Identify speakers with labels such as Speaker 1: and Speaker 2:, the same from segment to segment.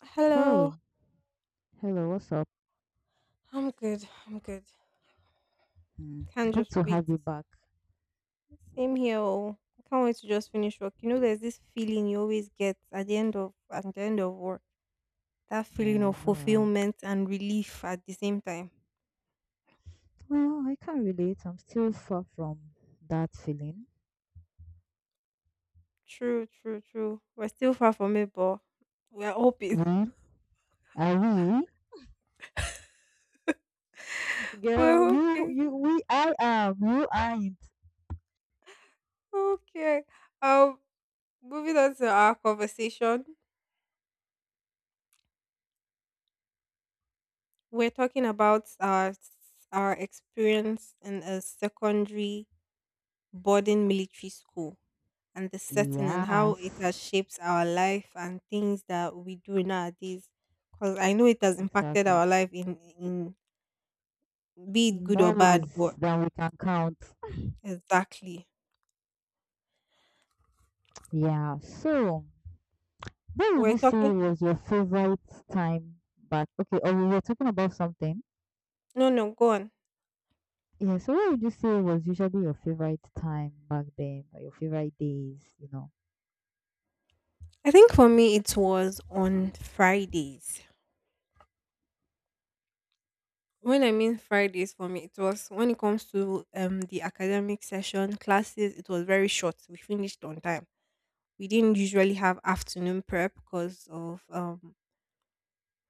Speaker 1: Hello.
Speaker 2: Hey, hello, what's up?
Speaker 1: I'm good. I'm good.
Speaker 2: Mm,
Speaker 1: Can't
Speaker 2: good
Speaker 1: just
Speaker 2: to
Speaker 1: wait.
Speaker 2: have you back.
Speaker 1: Same here. Oh. I can't wait to just finish work. You know, there's this feeling you always get at the end of work. That
Speaker 2: Yeah,
Speaker 1: feeling
Speaker 2: I
Speaker 1: of
Speaker 2: know, right?
Speaker 1: fulfillment and relief at the same time.
Speaker 2: Well, I can't relate. I'm still far from that feeling.
Speaker 1: True, true, true. We're still far from it, but we're hoping.
Speaker 2: We? Are we? Girl,
Speaker 1: We're hoping.
Speaker 2: we, I am. You aren't.
Speaker 1: Okay. Um, Moving on to our conversation. We're talking about our experience in a secondary boarding military school, and the setting and how it has
Speaker 2: Yes,
Speaker 1: shaped our life and things that we do nowadays. Because I know it has impacted
Speaker 2: exactly.
Speaker 1: our life in, be it good or
Speaker 2: More
Speaker 1: bad, but
Speaker 2: ways than we can count.
Speaker 1: exactly.
Speaker 2: Yeah, so, what would
Speaker 1: We're
Speaker 2: you say
Speaker 1: talking.
Speaker 2: was your favorite time back? Okay, or we were talking about something.
Speaker 1: No, no, go on.
Speaker 2: Yeah, so what would you say was usually your favorite time back then or your favorite days, you know?
Speaker 1: I think for me it was on Fridays. When I mean Fridays for me, it was when it comes to the academic session classes, it was very short. We finished on time. We didn't usually have afternoon prep because of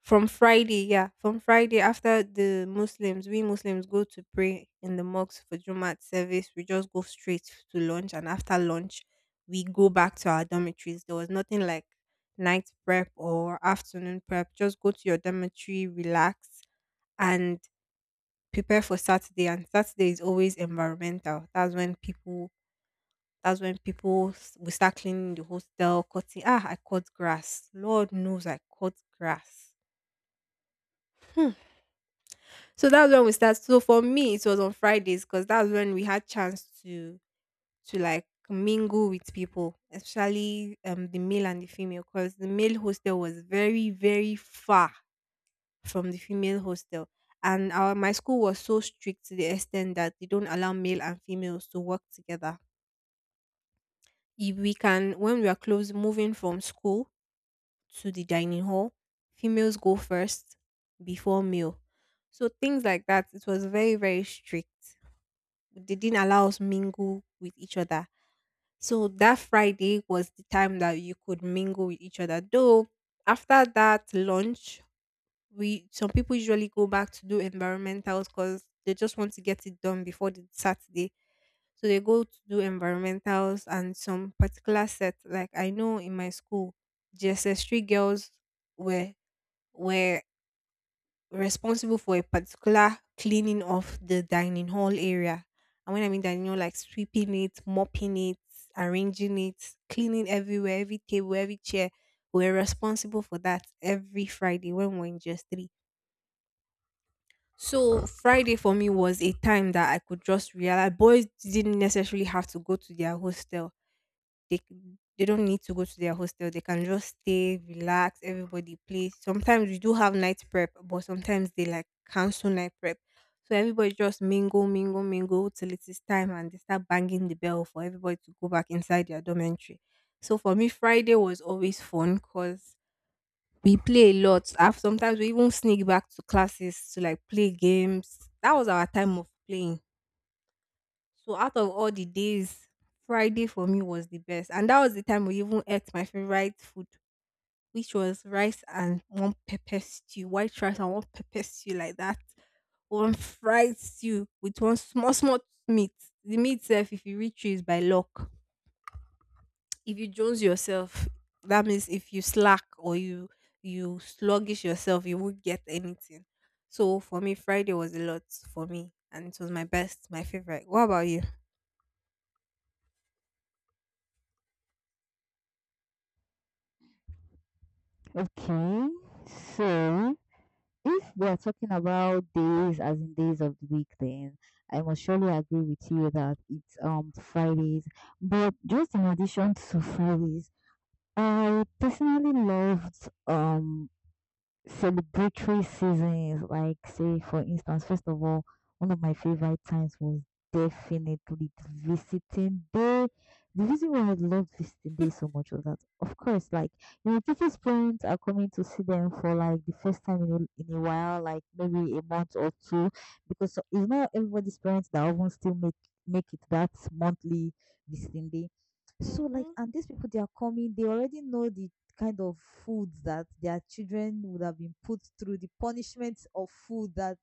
Speaker 1: From Friday after the Muslims, we Muslims go to pray in the mosque for Jumat service. We just go straight to lunch, and after lunch, we go back to our dormitories. There was nothing like night prep or afternoon prep. Just go to your dormitory, relax, and prepare for Saturday. And Saturday is always environmental. That's when people will start cleaning the hostel, cutting. I cut grass. Lord knows I cut grass. So that's when we started. So for me, it was on Fridays because that's when we had chance to like mingle with people, especially the male and the female, because the male hostel was very very far from the female hostel, and our my school was so strict to the extent that they don't allow male and females to work together. If we can, when we are close moving from school to the dining hall, females go first before male. So things like that. It was very very strict. They didn't allow us mingle with each other. So that Friday was the time that you could mingle with each other. Though after that lunch, we some people usually go back to do environmentals because they just want to get it done before the Saturday. So they go to do environmentals and some particular set. Like I know in my school, GSS three girls were were responsible for a particular cleaning of the dining hall area. And when I mean dining hall, like sweeping it, mopping it, arranging it, cleaning everywhere, every table, every chair. We're responsible for that every Friday when we're in just three. So Friday for me was a time that I could just realize boys didn't necessarily have to go to their hostel. They they don't need to go to their hostel. They can just stay, relax. Everybody play. Sometimes we do have night prep, but sometimes they like cancel night prep. So everybody just mingle, mingle, mingle till it is time, and they start banging the bell for everybody to go back inside their dormitory. So for me, Friday was always fun because we play a lot. I Sometimes we even sneak back to classes to like play games. That was our time of playing. So out of all the days, Friday for me was the best. And that was the time we even ate my favorite food, which was rice and one pepper stew, white rice and one pepper stew like that. One fried stew with one small, small meat. The meat self, if you reach you, is by luck. If you jones yourself, that means if you slack or you sluggish yourself, you won't get anything. So for me, Friday was a lot for me. And it was my best, my favorite. What about you?
Speaker 2: Okay, so if we are talking about days as in days of the week, then I must surely agree with you that it's Fridays. But just in addition to Fridays, I personally loved celebratory seasons, like say for instance, first of all, one of my favorite times was definitely the visiting day. The reason why I loved visiting day so much was that, of course, like you know, people's parents are coming to see them for like the first time in in a while, like maybe a month or two, because it's not everybody's parents that often still make it that monthly visiting day. So like,
Speaker 1: Mm-hmm.
Speaker 2: and these people they are coming, they already know the kind of food that their children would have been put through, the punishment of food that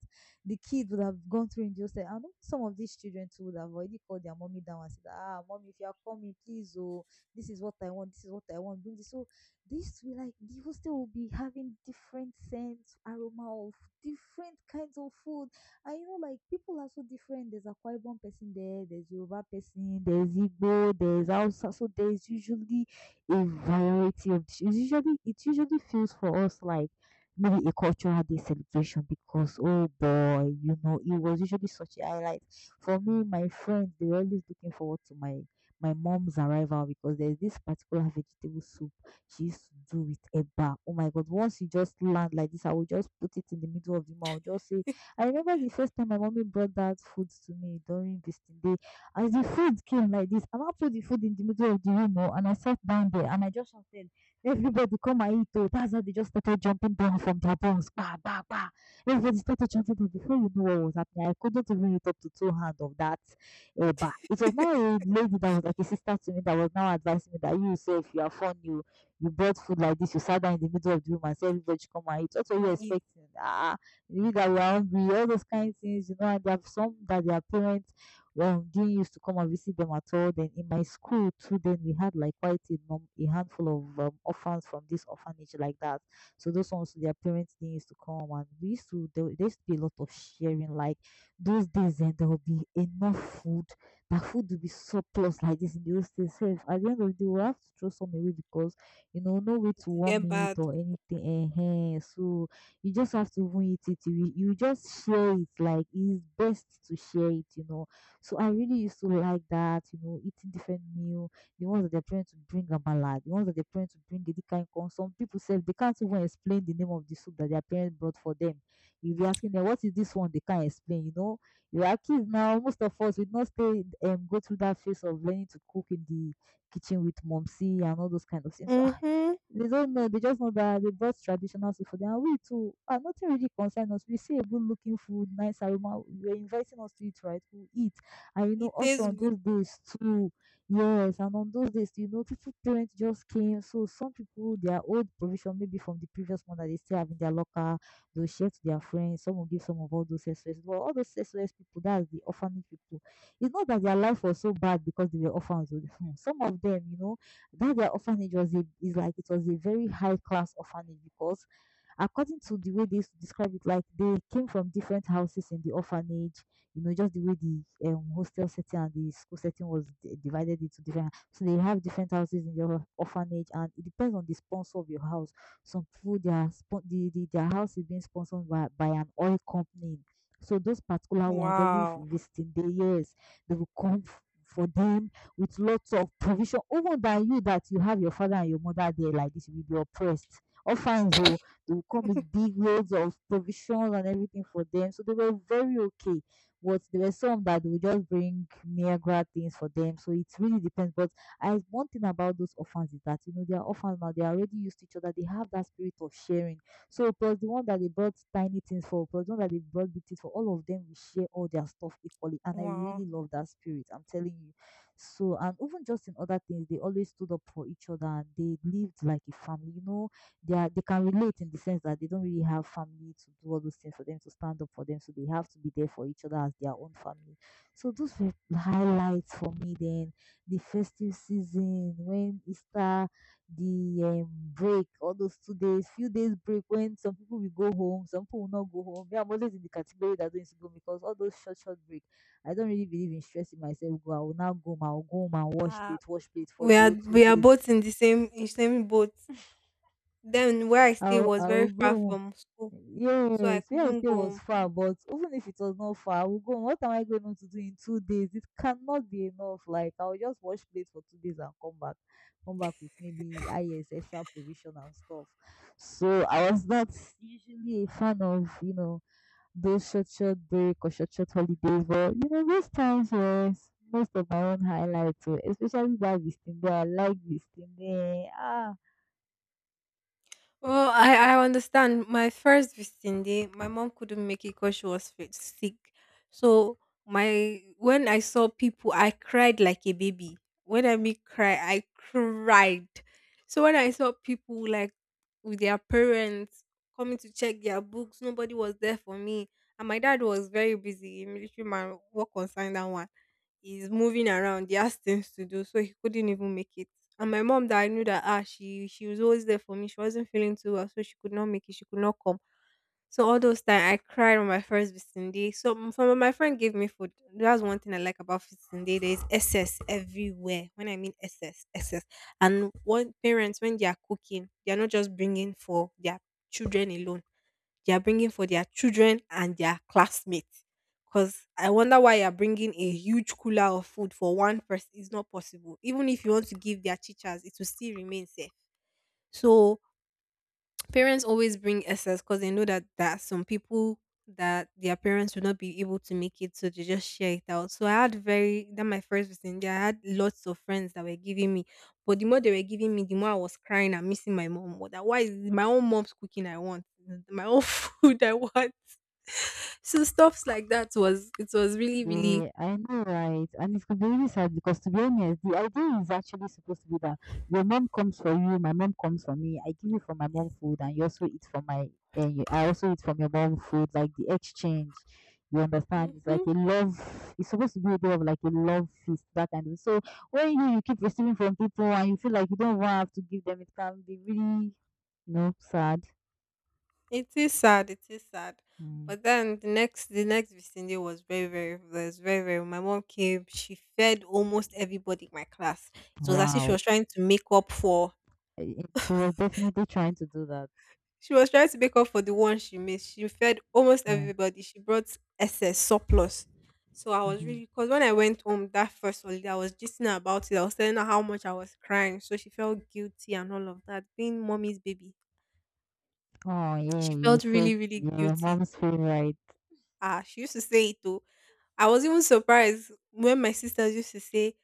Speaker 2: the kids would have gone through in jail. I know some of these children too would have already called their mommy down and said, "Ah, mommy, if you are coming, please, oh, this is what I want, this is what I want, bring this." So this will like the hostel will be having different scents, aroma of different kinds of food. And you know, like people are so different. There's a Kwaibon person there, there's Yoruba person, there's Igbo, there's Hausa. So there's usually a variety of dish. It usually feels for us like maybe a cultural day celebration because oh boy, you know, it was usually such a highlight. For me, my friends they are always looking forward to my mom's arrival because there's this particular vegetable soup she used to do with eba. Oh my god, once you just land like this, I will just put it in the middle of the mouth. Just say I remember the first time my mommy brought that food to me during visiting day as the food came like this, and I put the food in the middle of the room oh, and I sat down there and I just shouted, "Everybody come and eat!" Oh, that's how they just started jumping down from their bones. Bah, bah, bah. Everybody started chanting, and before you know what was happening, I couldn't even eat up to two hands of that. Eh, bah. It was now a lady that was like a sister to me that was now advising me that you say if you are fun, you brought food like this, you sat down in the middle of the room and said everybody should come and eat. What were
Speaker 1: Ma
Speaker 2: you
Speaker 1: eat
Speaker 2: expecting? Ah, you that we are hungry, all those kind of things, you know, and they have some that their parents didn't used to come and visit them at all. Then in my school too, then we had like quite a handful of orphans from this orphanage like that. So those ones, their parents didn't used to come, and we used to there used to be a lot of sharing. Like those days, then there would be enough food. That food would be surplus like this in those days. So if at the end of the day, we have to throw some away because you know no way to
Speaker 1: it
Speaker 2: warm
Speaker 1: get
Speaker 2: it
Speaker 1: bad.
Speaker 2: or anything. So you just have to even eat it. You just share it. Like it's best to share it. You know so I really used to like that, you know, eating different meal, the ones that they're trying to bring amala, the ones that they're trying to bring edikan corn. Some people say they can't even explain the name of the soup that their parents brought for them. You'll be asking them, what is this one? They can't explain, you know. You are kids now, most of us we not stay go through that phase of learning to cook in the kitchen with momsy and all those kind of things. So, ah,
Speaker 1: Mhm.
Speaker 2: they don't know. They just know that they brought traditional food for them. And we too, ah, nothing really concerns us. We see a good looking food, nice aroma. You're inviting us to eat, right? We'll eat. And you know,
Speaker 1: It
Speaker 2: also
Speaker 1: tastes
Speaker 2: on
Speaker 1: good.
Speaker 2: those days too, yes, and on those days, you know, people parents just came. So some people their old provision maybe from the previous month that they still have in their locker, they'll share to their friends. Some will give some of all those SOS. Well, all those SOS people, that's the orphanage people. It's not that their life was so bad because they were orphans. Oh, some of them, you know, that their orphanage was a is like it was a very high class orphanage because according to the way they used to describe it, like they came from different houses in the orphanage you know, just the way the hostel setting and the school setting was divided into different. So they have different houses in your orphanage, and it depends on the sponsor of your house. Some people, their their house is being sponsored by an oil company. So those particular ones, every
Speaker 1: Wow.
Speaker 2: visiting day, yes, they will come for them with lots of provision. Even than you that you have your father and your mother there like this, you will be oppressed. Orphans, oh, they will come with big loads of provisions and everything for them. So they were very okay. But there were some that will just bring Niagara things for them. So it really depends. But I one thing about those orphans is that you know they are orphans now, they are already used to each other, they have that spirit of sharing. So plus the one that they brought tiny things for, plus the one that they brought big things for, all of them will share all their stuff equally. And I
Speaker 1: Wow.
Speaker 2: really love that spirit. I'm telling you. So and even just in other things, they always stood up for each other and they lived like a family. You know, they can relate in the sense that they don't really have family to do all those things for them to stand up for them, so they have to be there for each other as their own family. So those were highlights for me. Then the festive season when Easter, the break, all those 2 days, few days break when some people will go home, some people will not go home. Yeah, I'm always in the category that don't go because all those short short break, I don't really believe in stressing myself. Go, I will now go home. I will go home and
Speaker 1: Ah,
Speaker 2: wash plate for
Speaker 1: we
Speaker 2: the
Speaker 1: are
Speaker 2: whole
Speaker 1: we
Speaker 2: two
Speaker 1: are
Speaker 2: days.
Speaker 1: both in the same in same boat. Then where I stay was
Speaker 2: I'll
Speaker 1: very
Speaker 2: go
Speaker 1: far
Speaker 2: home.
Speaker 1: from school, so I
Speaker 2: Yes, where I
Speaker 1: couldn't
Speaker 2: stay was
Speaker 1: go.
Speaker 2: far, but even if it was not far, I would go. What am I going to do in 2 days? It cannot be enough. Like I'll just wash plates for 2 days and come back with maybe IS extra provision and stuff. So I was not usually a fan of you know those short short break or short short holidays, but you know those times was most of my own highlights, oh, especially that visiting. I like visiting. Ah.
Speaker 1: Well, I understand. My first visiting day, my mom couldn't make it because she was sick. So my when I saw people, I cried like a baby. When I mean cry, I cried. So when I saw people like with their parents coming to check their books, nobody was there for me, and my dad was very busy. A military man, work concern that one. He's moving around. He has things to do, so he couldn't even make it. And my mom that I knew that she was always there for me. She wasn't feeling too well, so she could not make it. She could not come. So all those time I cried on my first visiting day. So from my friend gave me food. That's one thing I like about visiting day. There is excess everywhere. When I mean excess, excess. And one parents when they are cooking, they are not just bringing for their children alone. They are bringing for their children and their classmates. Because I wonder why you're bringing a huge cooler of food for one person. It's not possible. Even if you want to give their teachers, it will still remain safe. So parents always bring excess because they know that there are some people that their parents will not be able to make it, so they just share it out. So I had very that my first visit. There, I had lots of friends that were giving me, but the more they were giving me, the more I was crying and missing my mom. What? Why is it my own mom's cooking? I want my own food. I want. So stuffs like that was really, really.
Speaker 2: Yeah, I know, right? And it's gonna be really sad because, to be honest, the idea is actually supposed to be that your mom comes for you, my mom comes for me. I give you from my mom food, and you also eat from and you, I also eat from your mom food, like the exchange. You understand? It's like
Speaker 1: Mm-hmm.
Speaker 2: a love. It's supposed to be a bit of like a love feast, that kind of. So when you keep receiving from people and you feel like you don't even have to give them, it can be really, you know, sad.
Speaker 1: It is sad. It is sad.
Speaker 2: Mm.
Speaker 1: But then the next vicinity was very very. My mom came. She fed almost everybody in my class. It was as if she
Speaker 2: Wow,
Speaker 1: was trying to make up for.
Speaker 2: eh, eh, she was definitely trying to do that.
Speaker 1: She was trying to make up for the one she missed. She fed almost
Speaker 2: Yeah.
Speaker 1: everybody. She brought excess surplus. So I was
Speaker 2: Hmm.
Speaker 1: really because when I went home that first holiday, I was just about it. I was telling her how much I was crying. So she felt guilty and all of that, being mommy's baby.
Speaker 2: Oh, yeah,
Speaker 1: She
Speaker 2: you
Speaker 1: felt really,
Speaker 2: said
Speaker 1: really
Speaker 2: yeah, your
Speaker 1: guilty.
Speaker 2: mom's favorite.
Speaker 1: She used to say it though. I was even surprised when my sisters used to say,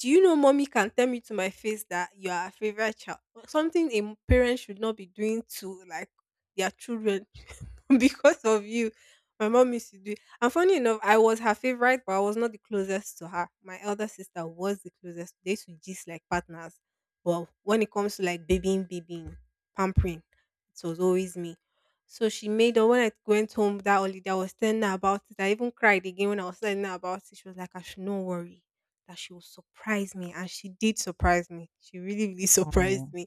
Speaker 1: "Do you know mommy can tell me to my face that you are a favorite child? Something a parent should not be doing to like their children because of you." My mom used to do it. And funny enough, I was her favorite, but I was not the closest to her. My elder sister was the closest. They used to gist like partners. But when it comes to like babying, babying, pampering, it was always me. So she made up when I went home that holiday, I was telling her about it. I even cried again when I was telling her about it. She was like, I should not worry that she will surprise me. And she did surprise me. She really, really surprised
Speaker 2: Oh,
Speaker 1: me.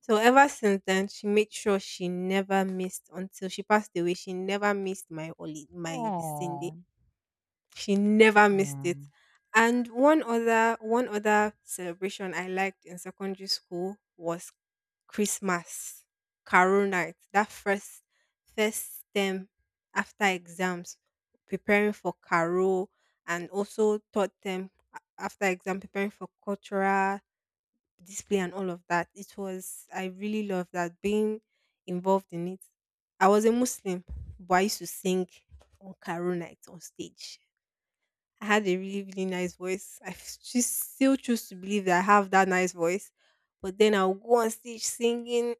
Speaker 1: So ever since then, she made sure she never missed until she passed away. She never missed my holiday, my vicinity.
Speaker 2: oh,
Speaker 1: She never missed it.
Speaker 2: yeah.
Speaker 1: And one other celebration I liked in secondary school was Christmas, Carol night. That first term after exams, preparing for Carol, and also third term after exam preparing for cultural display and all of that. It was I really loved that being involved in it. I was a Muslim, but I used to sing on Carol night on stage. I had a really, really nice voice. She still choose to believe that I have that nice voice. But then I'll go on stage singing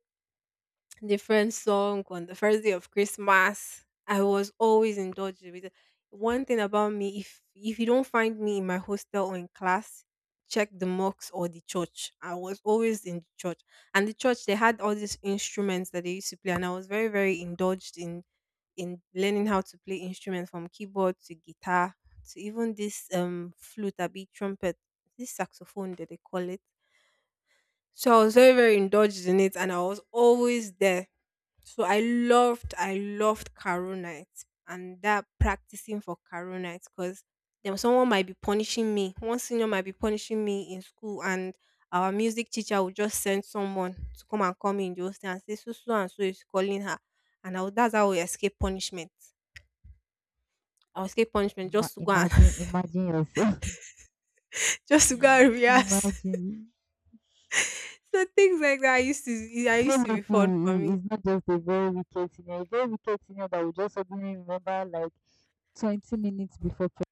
Speaker 1: different song on the first day of Christmas. I was always indulged with it. One thing about me, if you don't find me in my hostel or in class, check the mosque or the church. I was always in the church. And the church they had all these instruments that they used to play and I was very, very indulged in learning how to play instruments from keyboard to guitar to even this flute, a bit trumpet, this saxophone that they call it. So I was very, very indulged in it and I was always there. So I loved Caro night and that practicing for Caro night because then someone might be punishing me. One senior might be punishing me in school, and our music teacher would just send someone to come and call me in the hostel and say, so so and so is calling her, and I would, that's how we escape punishment. I would escape punishment just to go and
Speaker 2: Imagine, imagine yourself.
Speaker 1: just to go and rehearse.
Speaker 2: Imagine.
Speaker 1: So things like that used to, I
Speaker 2: So
Speaker 1: used to be
Speaker 2: lucky
Speaker 1: fun for me.
Speaker 2: it's not just a very wicked senior, a very wicked senior that will just suddenly remember like 20 minutes before.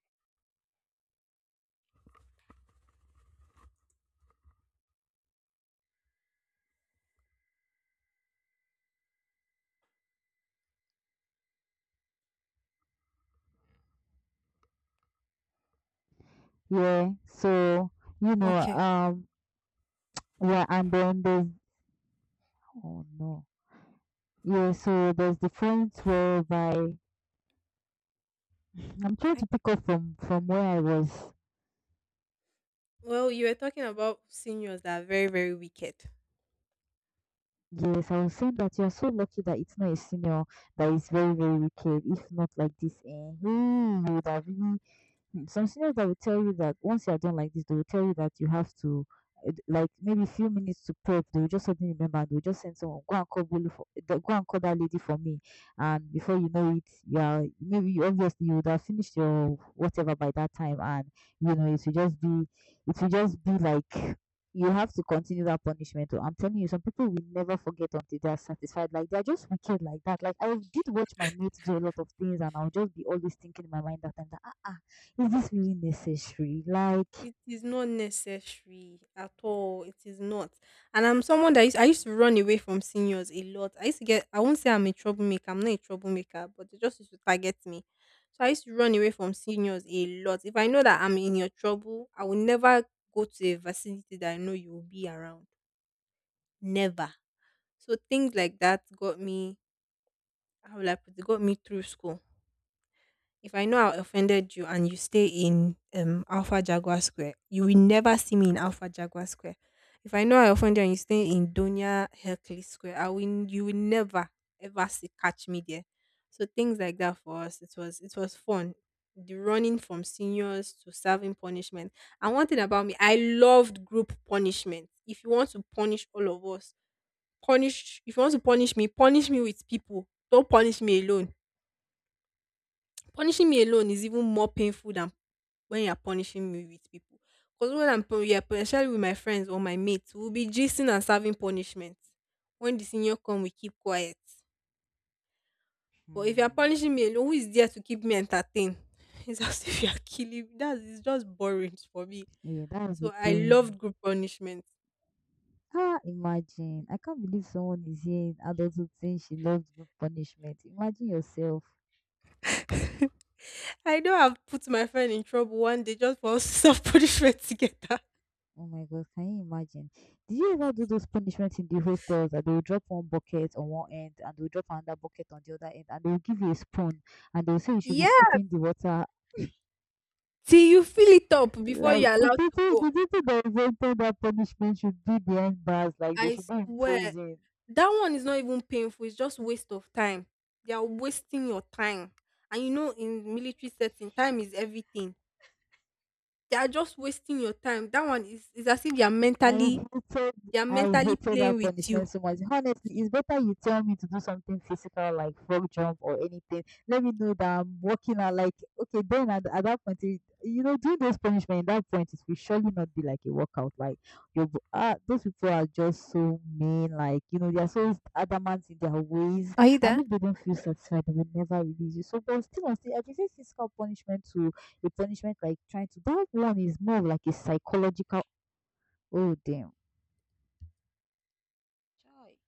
Speaker 2: Yeah, so, you know,
Speaker 1: Okay.
Speaker 2: yeah, and then there's, oh no. Yeah, so there's the friends whereby I'm trying
Speaker 1: I,
Speaker 2: to pick up from where I was.
Speaker 1: well, you were talking about seniors that are very, very wicked.
Speaker 2: Yes, I was saying that you're so lucky that it's not a senior that is very, very wicked. If not like this, eh, he would have really. Some seniors that will tell you that once you are done like this, they will tell you that you have to like maybe a few minutes to prep. They will just suddenly remember and they will just send someone go and call Bolu for go and call that lady for me. And before you know it, you are maybe you obviously you would have finished your whatever by that time, and you know it will just be like you have to continue that punishment. Oh. I'm telling you, some people will never forget until they are satisfied. Like they're just wicked like that. Like I did watch my mates do a lot of things, and I'll just be always thinking in my mind that time that is this really necessary? Like,
Speaker 1: It is not necessary at all. It is not. And I'm someone that used, I used to run away from seniors a lot. I used to get, I won't say I'm a troublemaker. I'm not a troublemaker, but they just used to target me. So I used to run away from seniors a lot. If I know that I'm in your trouble, I will never go to a vicinity that I know you will be around. Never. So things like that got me, how will I put it, got me through school. If I know I offended you and you stay in Alpha Jaguar Square, you will never see me in Alpha Jaguar Square. If I know I offended you and you stay in Donia Hercules Square, I will you will never ever see catch me there. So things like that for us, it was fun. The running from seniors to serving punishment. And one thing about me, I loved group punishment. If you want to punish all of us, punish if you want to punish me with people. Don't punish me alone. Punishing me alone is even more painful than when you're punishing me with people. Because when I'm especially with my friends or my mates, we'll be gisting and serving punishment. When the senior come, we keep quiet. But if you're
Speaker 2: hmm.
Speaker 1: punishing me alone, who is there to keep me entertained? It's as if you're killing me. That's It's just boring for me.
Speaker 2: Yeah, that's the
Speaker 1: So I
Speaker 2: thing.
Speaker 1: loved group punishment.
Speaker 2: Ah, imagine. I can't believe someone is here in adulthood saying she loves group punishment. Imagine yourself.
Speaker 1: I know I've put my friend in trouble one day just for us to serve punishment together.
Speaker 2: Oh my God, can you imagine? Did you ever do those punishments in the hostels that they will drop one bucket on one end and they will drop another bucket on the other end and they will give you a spoon and they will say you should be
Speaker 1: Yeah.
Speaker 2: scooping the water?
Speaker 1: Till you fill it up before
Speaker 2: Like,
Speaker 1: you're allowed to go.
Speaker 2: the people that invented that punishment should be behind bars, like, they
Speaker 1: I
Speaker 2: should be in
Speaker 1: swear.
Speaker 2: prison.
Speaker 1: That one is not even painful, it's just waste of time. They are wasting your time. And you know, in military setting, time is everything. They are just wasting your time. That one is as if they are
Speaker 2: I
Speaker 1: mentally
Speaker 2: hated
Speaker 1: they are
Speaker 2: I
Speaker 1: mentally
Speaker 2: hated
Speaker 1: playing
Speaker 2: that
Speaker 1: with you.
Speaker 2: punishment so much. Honestly, it's better you tell me to do something physical like frog jump or anything. Let me know that I'm working out like okay, then at that point you know, doing those punishment at that point it will surely not be like a workout. Like your those people are just so mean, like you know, they are so adamant in their ways
Speaker 1: Are you
Speaker 2: and
Speaker 1: there?
Speaker 2: if they don't feel satisfied they will never release you. So but still on still I prefer physical punishment to a punishment like trying to that one is more of like a psychological oh damn. Choi.